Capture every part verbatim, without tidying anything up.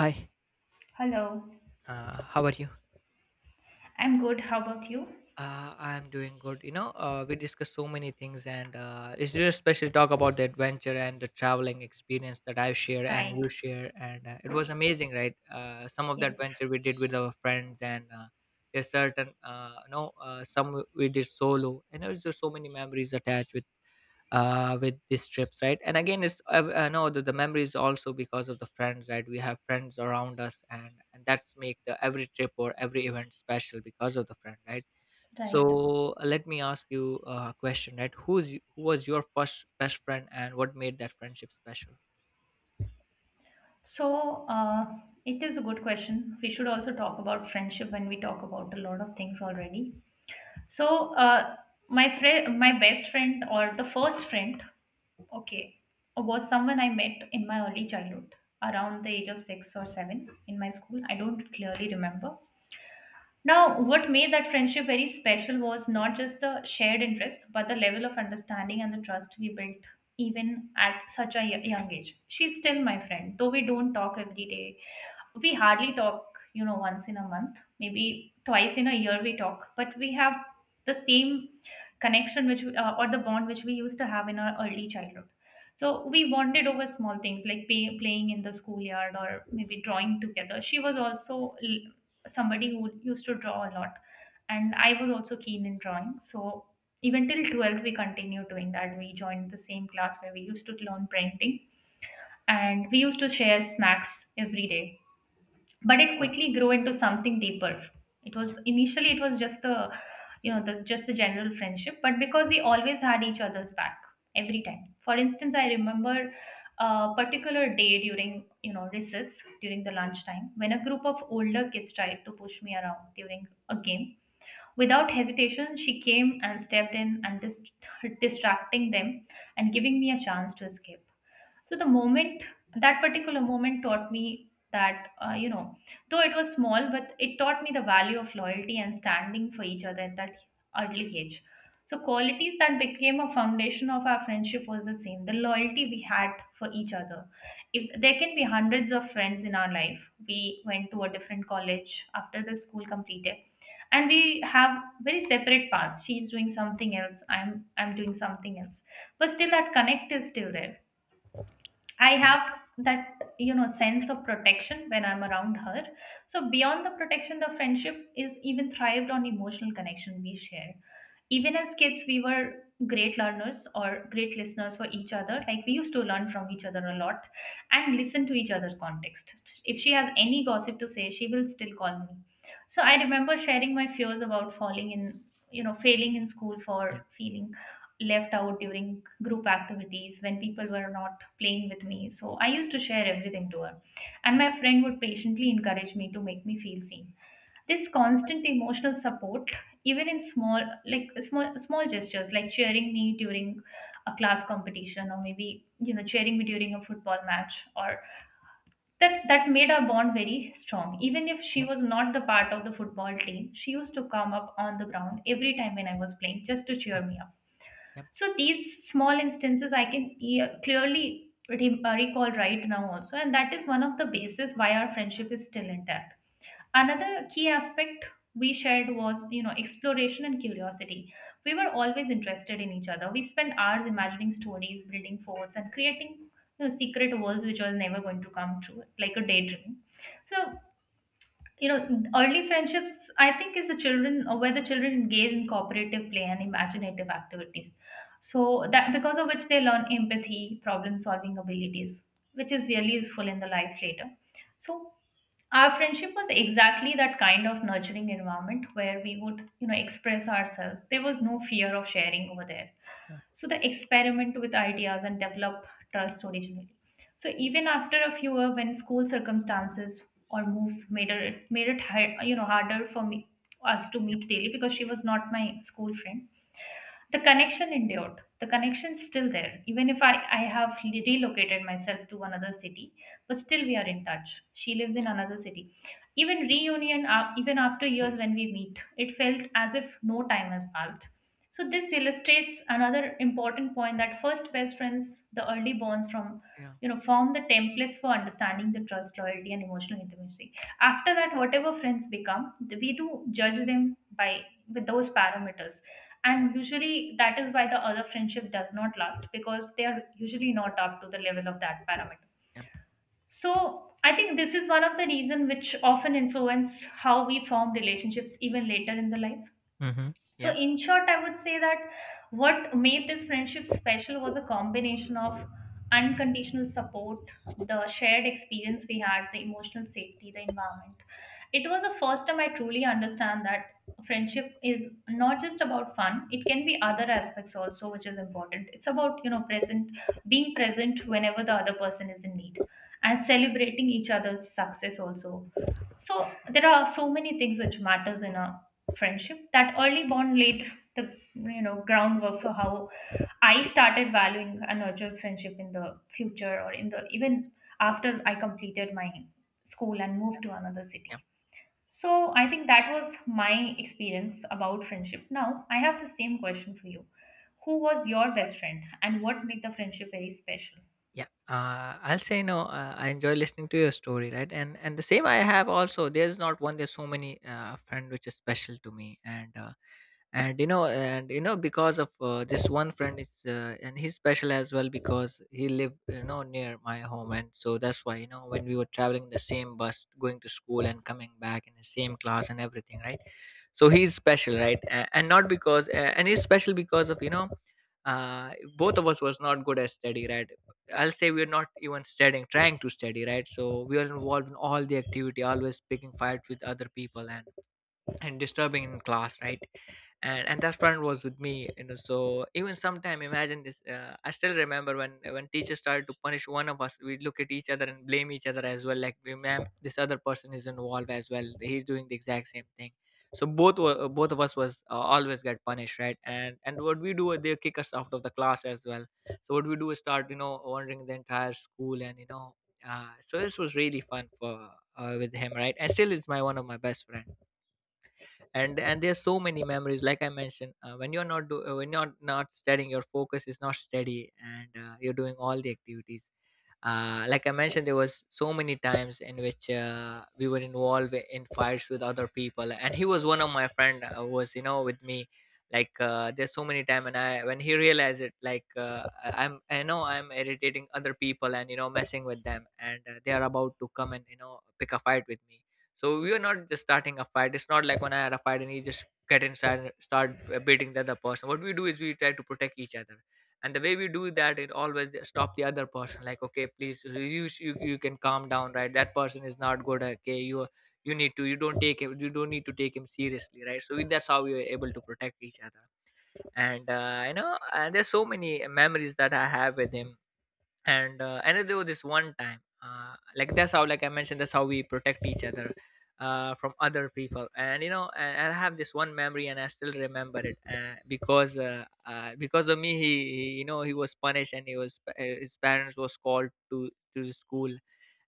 Hi, Hello, uh, how are you? I'm good. How about you? Uh, I am doing good. You know, uh, we discussed so many things, and uh, it's just especially talk about the adventure and the traveling experience that I share and Right. you share, and uh, it was amazing, right? Uh, some of the Yes. adventure we did with our friends, and uh, there's certain, uh, you know, uh, some we did solo, and there's just so many memories attached with uh, with these trips, right? And again, it's I, I know the, the memory is also because of the friends, right? We have friends around us, and and that's make the every trip or every event special because of the friend, right? Right. So, uh, let me ask you a question, right? Who's y- who was your first best friend, and what made that friendship special? So, uh, it is a good question. We should also talk about friendship when we talk about a lot of things already. So, uh, my friend, my best friend, or the first friend, okay, was someone I met in my early childhood, around the age of six or seven in my school. I don't clearly remember. Now, what made that friendship very special was not just the shared interest, but the level of understanding and the trust we built even at such a y- young age. She's still my friend, though we don't talk every day. We hardly talk, you know, once in a month, maybe twice in a year we talk, but we have the same connection, which uh, or the bond which we used to have in our early childhood. So we bonded over small things like pay, playing in the schoolyard, or maybe drawing together. She was also l- somebody who used to draw a lot, and I was also keen in drawing. So even till twelfth we continued doing that. We joined the same class where we used to learn painting, and we used to share snacks every day. But it Yeah, quickly grew into something deeper. it yeah, yeah, was initially It was just the you know the just the general friendship, but because we always had each other's back every time. For instance, I remember a particular day during, you know recess, during the lunchtime, when a group of older kids tried to push me around during a game. Without hesitation, she came and stepped in and dis- distracting them and giving me a chance to escape. so the moment, that particular moment taught me that, uh, you know, though it was small, but it taught me the value of loyalty and standing for each other at that early age. So qualities that became a foundation of our friendship was the same, the loyalty we had for each other. If there can be hundreds of friends in our life, we went to a different college after the school completed, and we have very separate paths. She's doing something else, i'm i'm doing something else, but still that connect is still there. I have that, you know sense of protection when I'm around her. So beyond the protection, the friendship is even thrived on emotional connection we share. Even as kids, we were great learners or great listeners for each other. Like we used to learn from each other a lot and listen to each other's context. If she has any gossip to say, she will still call me. So I remember sharing my fears about falling in, you know, failing in school, yeah, for feeling left out during group activities when people were not playing with me. So I used to share everything to her. And my friend would patiently encourage me to make me feel seen. This constant emotional support, even in small like small small gestures like cheering me during a class competition, or maybe you know cheering me during a football match, or that that made our bond very strong, even if she yeah, was not the part of the football team. She used to come up on the ground every time when I was playing, just to cheer me up. yeah, So these small instances I can e- clearly re- uh, recall right now also, and that is one of the basis why our friendship is still intact. Another key aspect we shared was, you know exploration and curiosity. We were always interested in each other. We spent hours imagining stories, building forts, and creating, you know secret worlds which were never going to come true, like a daydream. So, you know early friendships, I think, is the children, or where the children engage in cooperative play and imaginative activities, so that, because of which, they learn empathy, problem solving abilities, which is really useful in the life later. So our friendship was exactly that kind of nurturing environment where we would, you know express ourselves. There was no fear of sharing over there, so they experiment with ideas and develop trust originally. So even after a few years, when school circumstances or moves made it made it hi- you know harder for me us to meet daily because she was not my school friend, the connection endured. The connection's still there, even if i i have re- relocated myself to another city. But still we are in touch. She lives in another city. Even reunion uh, even after years when we meet, it felt as if no time has passed. So this illustrates another important point, that first best friends, the early bonds, from yeah, you know form the templates for understanding the trust, loyalty, and emotional intimacy. After that, whatever friends become, we do judge them by with those parameters. yeah, And usually that is why the other friendship does not last, because they are usually not up to the level of that parameter. yeah. So I think this is one of the reason which often influence how we form relationships even later in the life. Mm-hmm. So, Yeah, in short, I would say that what made this friendship special was a combination of unconditional support, the shared experience we had, the emotional safety, the environment. It was the first time I truly understand that friendship is not just about fun. It can be other aspects also, which is important. It's about, you know present being present whenever the other person is in need, and yeah. celebrating each other's success also. So there are so many things which matters in a friendship. That early bond laid the, you know groundwork for how I started valuing a nurture friendship in the future, or in the even after I completed my school and moved to another city. So I think that was my experience about friendship. Now I have the same question for you. Who was your best friend, and what made the friendship very special? Yeah, uh, I'll say, no, uh, I enjoy listening to your story, right, and and the same I have also. There's not one, there's so many, uh, friend which is special to me, and uh, and you know and you know because of uh, this one friend is, uh, and he's special as well because he lived, you know, near my home, and so that's why, you know, when we were traveling the same bus, going to school and coming back in the same class and everything, right. So he's special, right. A- and not because, uh, and he's special because of, you know uh, both of us was not good at study, right. I'll say we're not even studying, trying to study, right. So we are involved in all the activity, always picking fights with other people, and and disturbing in class, right. And and that friend was with me, you know, so even sometime imagine this, uh, I still remember when when teachers started to punish one of us, we look at each other and blame each other as well, like, "We, ma'am, this other person is involved as well, he's doing the exact same thing." So both were, both of us was, uh, always get punished, right. And and what we do, they kick us out of the class as well. So what we do is start, you know, wandering the entire school, and you know uh, so this was really fun for, uh, with him, right. And still is my one of my best friend. And and there's so many memories, like I mentioned, uh, when you're not do uh, when you're not studying, your focus is not steady, and uh, you're doing all the activities. Uh, like I mentioned, there was so many times in which, uh, we were involved in fights with other people, and he was one of my friend, uh, was, you know, with me. Like, uh, there's so many time, and I, when he realized it, like, uh, I- i'm i know I'm irritating other people, and, you know, messing with them, and uh, they are about to come and, you know, pick a fight with me. So we are not just starting a fight. It's not like when I had a fight and he just get inside and start uh, beating the other person. What we do is we try to protect each other. And the way we do that, it always stop the other person, like, okay, please, you, sh- you you can calm down, right, that person is not good, okay you you need to, you don't take him, you don't need to take him seriously, right. So, we, that's how we were able to protect each other. And uh, you know, and there's so many memories that I have with him. And uh, and there was this one time, uh, like, that's how, like I mentioned, that's how we protect each other uh, from other people. And, you know, and, and I have this one memory, and I still remember it, uh, because uh, uh, because of me, he, he you know, he was punished, and he was, uh, his parents was called to to the school.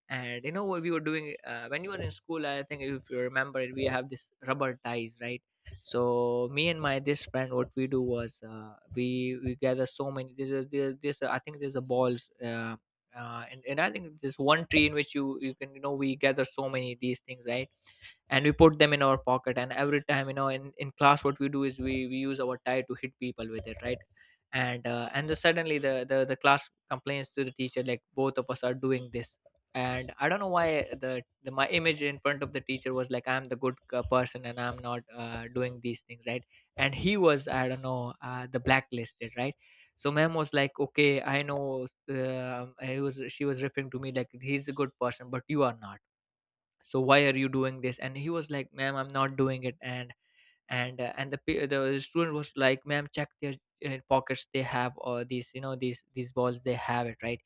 And you know what we were doing, uh, when you were in school, I think, if you remember it, we have this rubber ties, right. So me and my this friend, what we do was, uh, we we gather so many. This is there, this. I think there's a balls, uh, uh, and, and I think there's one tree in which you you can, you know, we gather so many these things, right. And we put them in our pocket, and every time, you know, in, in class, what we do is we, we use our tie to hit people with it, right. And uh, and then suddenly the, the the class complains to the teacher, like, both of us are doing this. And I don't know why, the, the my image in front of the teacher was like, I'm the good uh, person, and I'm not uh, doing these things, right. And he was, I don't know, uh, the blacklisted, right. So ma'am was like, okay, I know, uh, he was, she was referring to me, like, he's a good person, but you are not. So why are you doing this? And he was like, ma'am, I'm not doing it. And and uh, and the pe- the student was like, ma'am, check their uh, pockets, they have, or these, you know, these these balls, they have it, right.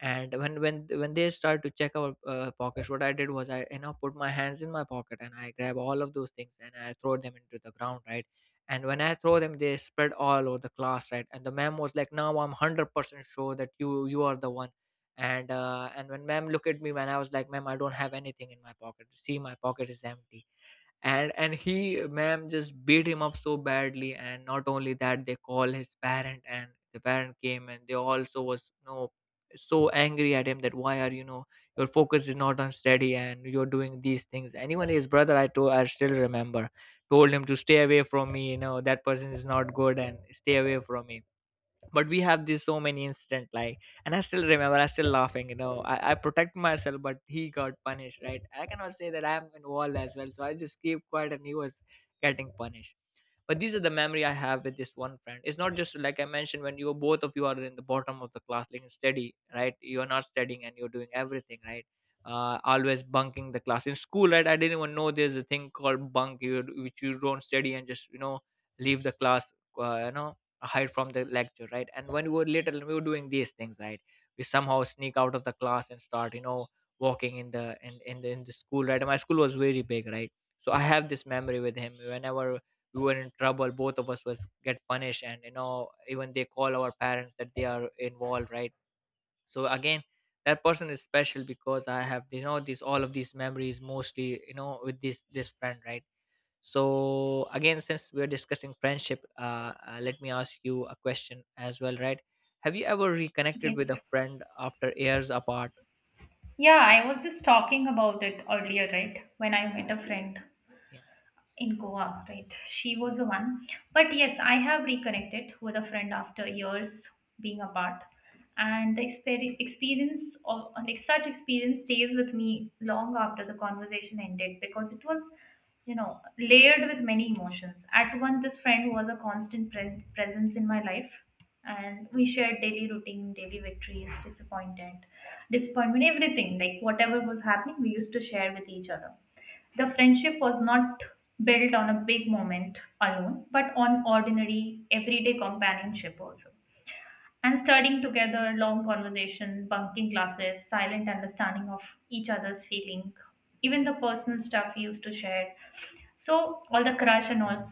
And when when when they started to check our uh, pockets, what I did was, I, you know, put my hands in my pocket, and I grab all of those things, and I throw them into the ground, right. And when I throw them, they spread all over the class, right. And the ma'am was like, now I'm one hundred percent sure that you you are the one. And uh, and when ma'am looked at me, when I was like, ma'am, I don't have anything in my pocket, see, my pocket is empty. And and he, ma'am just beat him up so badly, and not only that, they call his parent, and the parent came, and they also was, you know, so angry at him, that, why, are you know, your focus is not on study and you're doing these things. And even his brother, I told, I still remember, told him to stay away from me, you know, that person is not good, and stay away from me. But we have this so many incident, like. And I still remember, I still laughing, you know. I, I protect myself, but he got punished, right. I cannot say that I'm involved as well, so I just keep quiet, and he was getting punished. But these are the memory I have with this one friend. It's not just like I mentioned, when you, both of you are in the bottom of the class, like, steady, right. You're not studying, and you're doing everything, right. Uh, always bunking the class in school, right. I didn't even know there's a thing called bunk, you, which you don't study and just, you know, leave the class, uh, you know, hide from the lecture, right. And when we were little, we were doing these things, right. We somehow sneak out of the class and start, you know, walking in the in, in the in the school, right. And my school was very big, right. So I have this memory with him, whenever we were in trouble, both of us was get punished, and, you know, even they call our parents, that they are involved, right. So again, that person is special because I have, you know, these, all of these memories, mostly, you know, with this this friend, right. So again, since we're discussing friendship, uh, uh let me ask you a question as well, right. Have you ever reconnected with Yes. a friend after years apart? Yeah, I was just talking about it earlier, right, when I met a friend Yeah. in Goa, right? She was Yeah. the one. But yes, I have reconnected with a friend after years being apart. And the exper- experience of, like, such experience stays with me long after the conversation ended, because it was, you know, layered with many emotions. At one, this friend was a constant pre- presence in my life, and we shared daily routine, daily victories, disappointment, disappointment, everything. Like, whatever was happening, we used to share with each other. The friendship was not built on a big moment alone, but on ordinary, everyday companionship also. And studying together, long conversation, bunking classes, silent understanding of each other's feeling, even the personal stuff we used to share. So all the crush and all,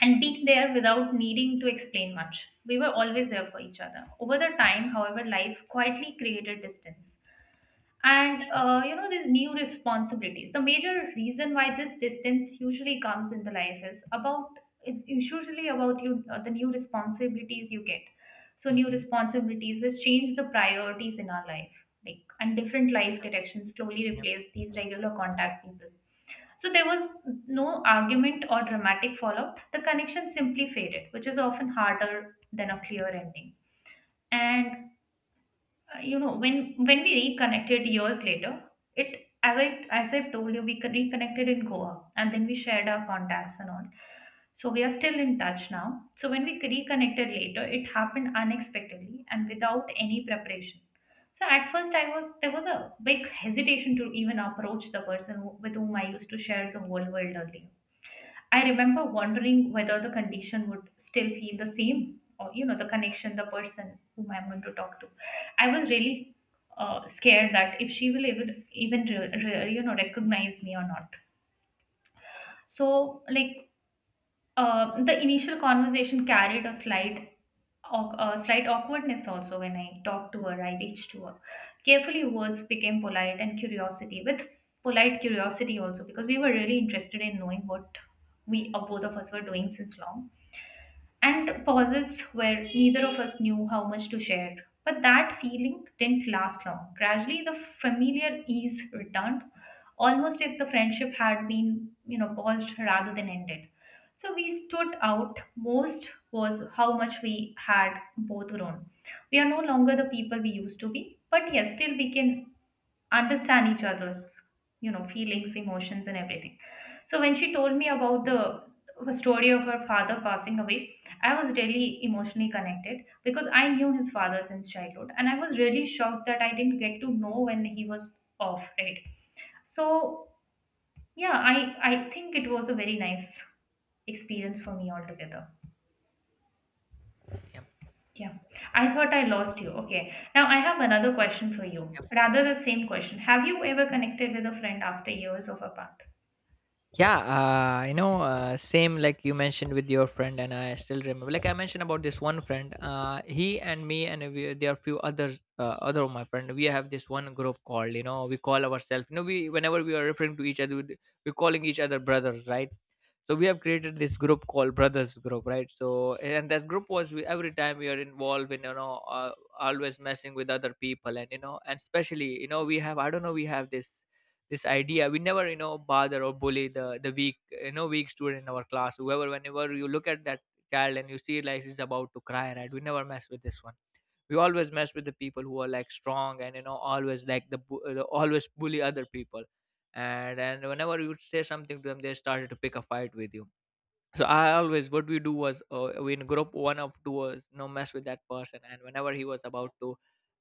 and being there without needing to explain much. We were always there for each other. Over the time, however, life quietly created distance. And uh, you know these new responsibilities, the major reason why this distance usually comes in the life is about, it's usually about, you uh, the new responsibilities you get. So new Hmm. responsibilities has changed the priorities in our life, like, and different life directions slowly Yeah. replace these regular contact people. So there was no argument or dramatic fallout. The connection simply faded, which is often harder than a clear ending. And, uh, you know when when we reconnected years later, it, as i as I've told you, we con- reconnected in Goa, and then we shared our contacts and all. So we are still in touch now. So when we reconnected later, it happened unexpectedly and without any preparation. So at first, I was there was a big hesitation to even approach the person, who, with whom I used to share the whole world earlier. I remember wondering whether the condition would still feel the same, or, you know, the connection, the person whom I'm going to talk to. I was really uh, scared that if she will even even re- re- you know recognize me or not. So, like, uh, the initial conversation carried a slight awk- a slight awkwardness also when I talked to her. I reached to her. Carefully, words became polite, and curiosity with polite curiosity also, because we were really interested in knowing what we uh, both of us were doing since long, and pauses where neither of us knew how much to share. But that feeling didn't last long. Gradually, the familiar ease returned, almost if the friendship had been, you know, paused rather than ended. So we stood out most was how much we had both grown. We are no longer the people we used to be, but yes, still we can understand each other's you know feelings, emotions, and everything. So when she told me about the the story of her father passing away, I was really emotionally connected because I knew his father since childhood, and I was really shocked that I didn't get to know when he was off, right? So yeah, i i think it was a very nice experience for me altogether. Yeah, Yeah, I thought I lost you. Okay, now I have another question for you, rather the same question. Have you ever connected with a friend after years of apart? yeah uh, you know, uh, same, like you mentioned with your friend, and I still remember, like I mentioned, about this one friend, uh, he and me, and we, there are few others, uh, other of my friend. We have this one group called, you know, we call ourselves, you know, we, whenever we are referring to each other, we- we're calling each other brothers, right. So we have created this group called brothers group, right. So and this group was, we, every time we are involved in, you know uh, always messing with other people, and, you know, and especially, you know, we have, I don't know, we have this, this idea, we never, you know, bother or bully the the weak, you know, weak student in our class, whoever, whenever you look at that child and you see, like, he's about to cry, right, we never mess with this one. We always mess with the people who are like strong, and, you know, always like the bu- uh, Always bully other people. And and whenever you say something to them, they started to pick a fight with you. So I always, what we do was, uh, we in group one of two was no mess with that person, and whenever he was about to,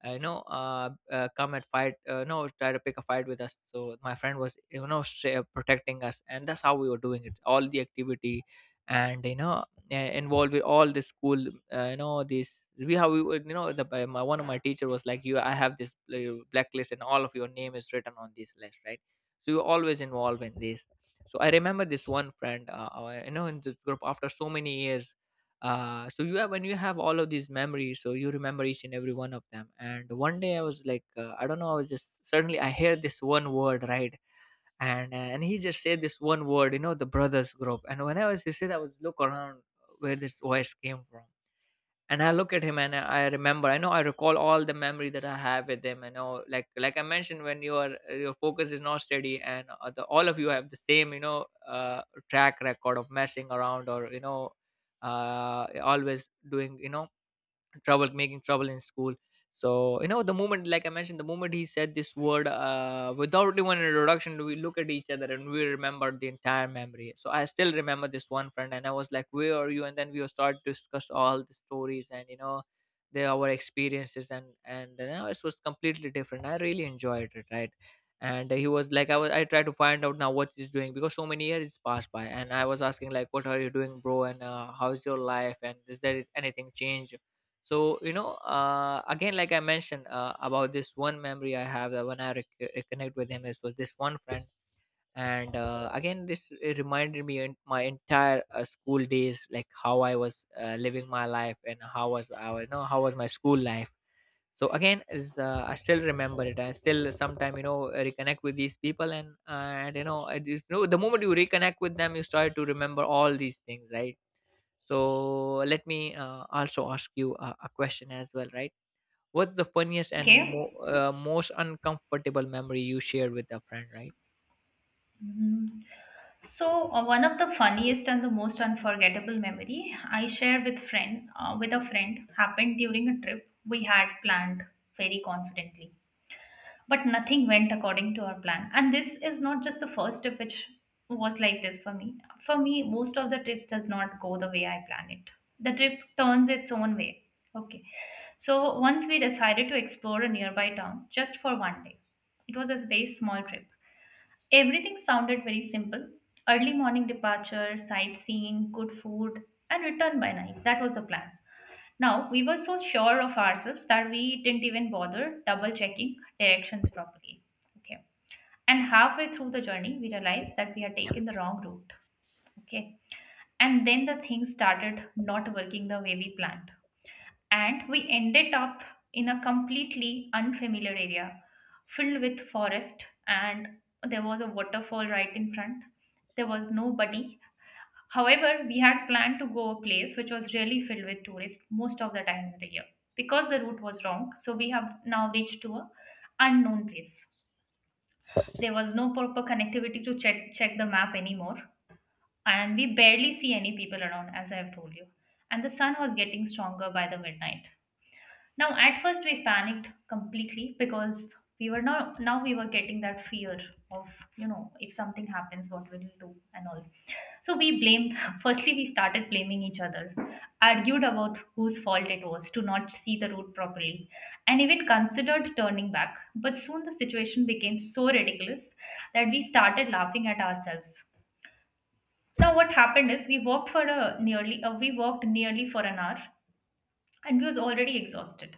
uh, you know uh, uh, come and fight, uh, no, try to pick a fight with us. So my friend was, you know sh- protecting us, and that's how we were doing it all the activity. And you know uh, involved with all the school. Uh, you know this, we have we would- you know the by, my one of my teacher was like, you, I have this uh, blacklist, and all of your name is written on this list, right? So you're always involved in this. So I remember this one friend, uh, uh, you know in this group, after so many years. Uh, so you have, when you have all of these memories, so you remember each and every one of them. And one day I was like, uh, I don't know, I was just suddenly, I hear this one word, right? And and he just said this one word, you know the brothers group. And whenever he said, I was look around where this voice came from. And I look at him and I remember. I know, I recall all the memory that I have with him. I know, like like I mentioned, when your your focus is not steady, and uh, the, all of you have the same, you know, uh, track record of messing around or, you know, uh, always doing, you know, trouble, making trouble in school. So you know the moment, like I mentioned, the moment he said this word, uh, without even an introduction, we look at each other and we remember the entire memory. So I still remember this one friend, and I was like, where are you? And then we started to discuss all the stories and, you know the, our experiences. And and you know, it was completely different, I really enjoyed it, right? And he was like, i was I tried to find out now what he's doing, because so many years passed by. And I was asking like, what are you doing, bro? And uh, how's your life, and is there anything changed? So you know uh, again, like I mentioned, uh, about this one memory I have, that when I rec- reconnect with him is with this one friend. And uh, again, this, it reminded me in my entire uh, school days, like how I was uh, living my life, and how was, I was- you know how was my school life. So again is, uh, I still remember it, I still sometime, you know reconnect with these people. And and you know I you know the moment you reconnect with them, you start to remember all these things, right? So let me, uh, also ask you a, a question as well, right? What's the funniest and Okay. mo- uh, most uncomfortable memory you shared with a friend, right? Mhm. So uh, one of the funniest and the most unforgettable memory I share with friend uh, with a friend happened during a trip we had planned very confidently, but nothing went according to our plan. And this is not just the first trip which was like this for me. For me, most of the trips does not go the way I plan it. The trip turns its own way. Okay. So once we decided to explore a nearby town just for one day. It was a very small trip. Everything sounded very simple. Early morning departure, sightseeing, good food, and return by night. That was the plan. Now, we were so sure of ourselves that we didn't even bother double checking directions properly. Okay. And halfway through the journey, we realized that we had taken the wrong route. Okay. And then the things started not working the way we planned, and we ended up in a completely unfamiliar area filled with forest, and there was a waterfall right in front. There was nobody. However, we had planned to go a place which was really filled with tourists most of the time of the year. Because the route was wrong, so we have now reached to a unknown place. There was no proper connectivity to check check the map anymore, and we barely see any people around, as I have told you. And the sun was getting stronger by the midnight. Now, at first, we panicked completely because we were not, now we were getting that fear of, you know, if something happens, what will we do and all. So we blamed, firstly, we started blaming each other, argued about whose fault it was to not see the route properly, and even considered turning back. But soon the situation became so ridiculous that we started laughing at ourselves. Now, what happened is we walked for a nearly, uh, we walked nearly for an hour and we was already exhausted,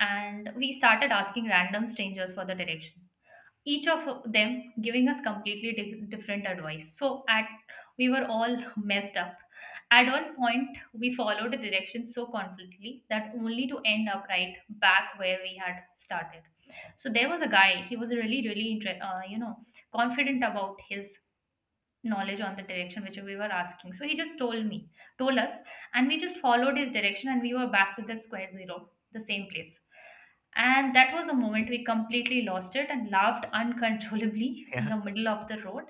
and we started asking random strangers for the direction, each of them giving us completely di- different advice. So at we were all messed up. At one point, we followed the direction so confidently that only to end up right back where we had started. So there was a guy, he was really really inter- uh, you know, confident about his knowledge on the direction which we were asking. So he just told me told us, and we just followed his direction, and we were back to the square zero, the same place. And that was a moment we completely lost it and laughed uncontrollably in Yeah. the middle of the road.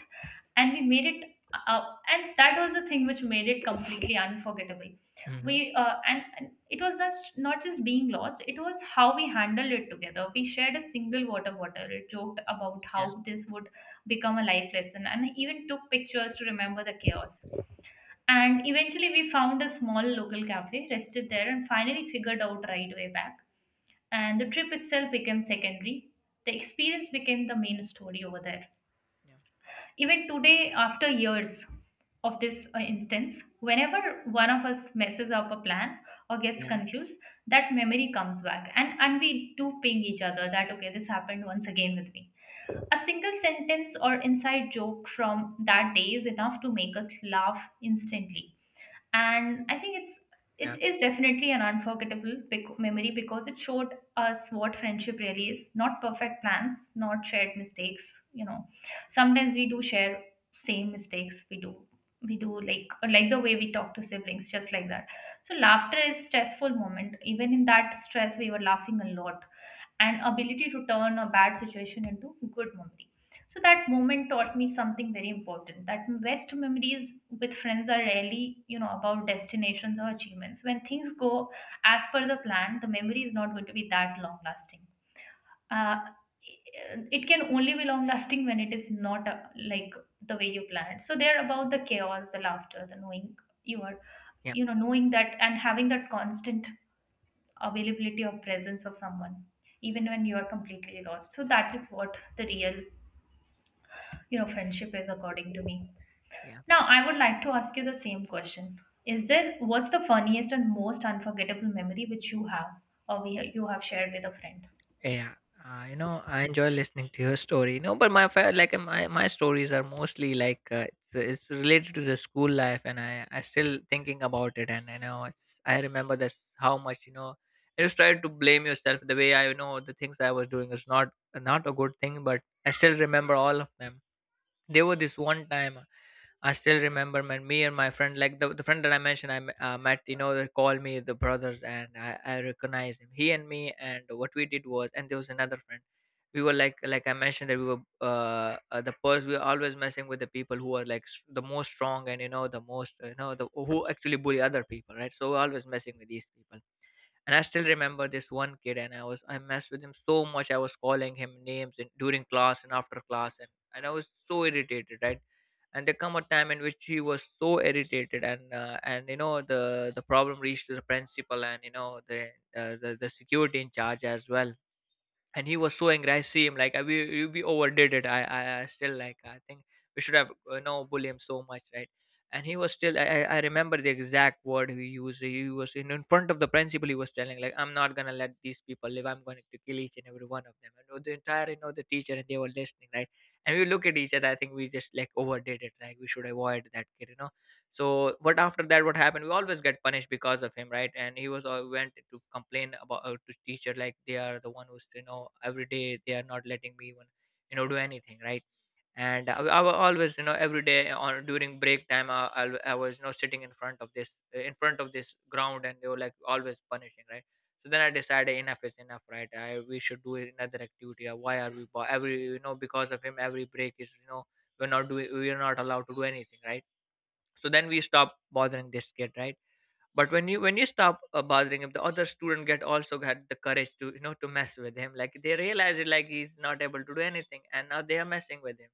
And we made it, uh, and that was the thing which made it completely unforgettable. Hmm. We uh, and, and it was just not just being lost; it was how we handled it together. We shared a single water bottle, joked about Yeah. how this would become a life lesson, and even took pictures to remember the chaos. And eventually, we found a small local cafe, rested there, and finally figured out right way back, and the trip itself became secondary. The experience became the main story over there. Yeah. Even today, after years of this uh, instance, whenever one of us messes up a plan or gets Yeah. confused, that memory comes back, and and we do ping each other that okay, this happened once again with me. A single sentence or inside joke from that day is enough to make us laugh instantly, and I think it's it Yeah. is definitely an unforgettable bec- memory because it showed us what friendship really is, not perfect plans, not shared mistakes, you know. Sometimes we do share same mistakes, we do we do like like the way we talk to siblings, just like that. So laughter is stressful moment, even in that stress we were laughing a lot, and ability to turn a bad situation into good memory. So that moment taught me something very important, that best memories with friends are rarely, you know, about destinations or achievements. When things go as per the plan, the memory is not going to be that long lasting. Uh, it can only be long lasting when it is not uh, like the way you planned. So they're about the chaos, the laughter, the knowing you are, Yeah. you know, knowing that and having that constant availability of presence of someone even when you are completely lost. So that is what the real, you know, friendship is according to me. Yeah. Now I would like to ask you the same question. Is there, what's the funniest and most unforgettable memory which you have or we, you have shared with a friend? Yeah. Uh, you know, I enjoy listening to your story. No, but my fa- like, uh, my my stories are mostly like, uh, it's it's related to the school life, and I I still thinking about it, and I know it's, I remember this how much you know. I just try to blame yourself the way I know, the things I was doing is not not a good thing, but I still remember all of them. There was this one time. I still remember, man. Me and my friend, like the, the friend that I mentioned, I m- uh, met, you know, they called me the brothers, and I, I recognized him. He and me, and what we did was, and there was another friend. We were like, like I mentioned, that we were uh, uh the purse. We were always messing with the people who are like, s- the most strong, and you know, the most, uh, you know, the, who actually bully other people, right? So we're always messing with these people, and I still remember this one kid, and I was I messed with him so much. I was calling him names in, during class and after class, and and I was so irritated, right? And there come a time in which he was so irritated, and uh, and you know the the problem reached to the principal, and you know the, uh, the the security in charge as well, and he was so angry. I see him like, "Uh, we we overdid it. I I, I still, like, I think we should have, you know bully him so much, right?" And he was still. I I I remember the exact word he used. He was in, in front of the principal. He was telling, like, I'm not gonna let these people live. I'm going to kill each and every one of them. And the entire, you know the teacher and they were listening, right? And we look at each other. I think we just like overdid it. Like we should avoid that kid, you know So what, after that, what happened, we always get punished because of him, right? And he was all went to complain about, uh, to teacher, like they are the one who's, you know every day they are not letting me even, you know do anything, right. And i, I wa- always, you know every day, on during break time, I, I, w- I was, you know sitting in front of this, uh, in front of this ground, and they were like always punishing, right. So then I decided enough is enough, right? I, we should do another activity. Uh, why are we bo- every, you know because of him every break is, you know we're not doing we're not allowed to do anything, right. So then we stop bothering this kid, right. But when you when you stop, uh, bothering him, the other student get also had the courage to you know to mess with him, like they realize it, like he's not able to do anything, and now they are messing with him.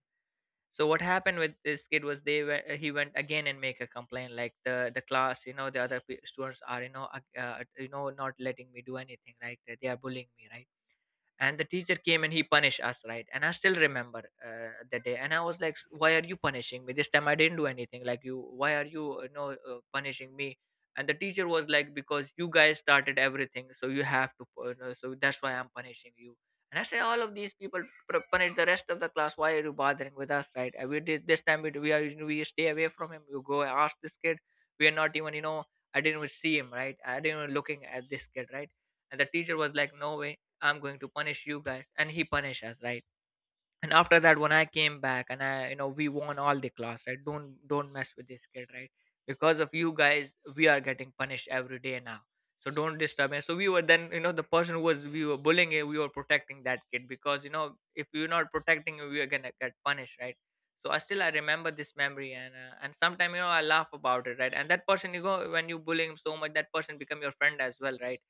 So what happened with this kid was, they were, he went again and make a complaint, like the the class, you know the other pe- students are, you know uh, uh, you know not letting me do anything, right, they are bullying me, right. And the teacher came and he punished us, right. And I still remember uh, the day, and I was like, why are you punishing me this time? I didn't do anything like, you, why are you, you know uh, punishing me? And the teacher was like, because you guys started everything, so you have to pu- you know, so that's why I'm punishing you. And I say, all of these people, pr- punish the rest of the class, why are you bothering with us, right? And we did this time, we, we are we stay away from him, you go ask this kid. We are not even, you know I didn't even see him, right. I didn't even looking at this kid, right. And the teacher was like, no way, I'm going to punish you guys. And he punished us, right? And after that, when I came back and I, you know, we won all the class, right? Don't don't mess with this kid, right? Because of you guys, we are getting punished every day now. So don't disturb me. So we were then, you know, the person who was, we were bullying him, we were protecting that kid, because you know, if we are not protecting him, we are gonna get punished, right? So I still I remember this memory, and uh, and sometimes, you know, I laugh about it, right? And that person, you go, when you bullying him so much, that person become your friend as well, right?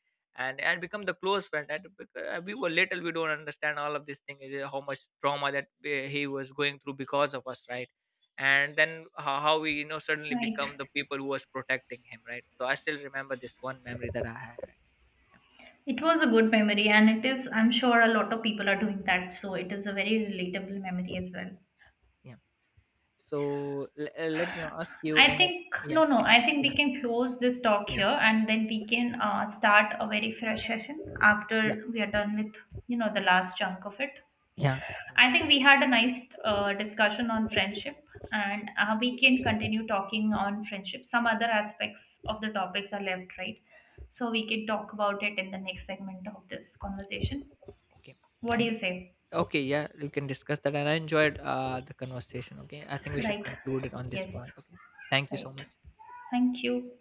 and and become the close friend, and bec- uh, we were little, we don't understand all of this thing is, uh, how much trauma that, uh, he was going through because of us, right. And then how, how we, you know suddenly Right, become the people who was protecting him, right. So I still remember this one memory that I had, right? Yeah. it was a good memory, and it is, I'm sure, a lot of people are doing that, so it is a very relatable memory as well. Yeah. So l- uh, let me ask you I in a, think Yeah. no, no, I think we Yeah. can close this talk Yeah. here, and then we can uh, start a very fresh session Yeah. after we are done with, you know, the last chunk of it. Yeah. I think we had a nice uh, discussion on friendship, and uh, we can continue talking on friendship. Some other aspects of the topics are left, right? So we can talk about it in the next segment of this conversation. Okay. What do Thank. you say? Okay. Yeah, you can discuss that, and I enjoyed uh the conversation. Okay, I think we should Right. conclude it on this Yes. point. Okay. Thank you so Right. much. Thank you.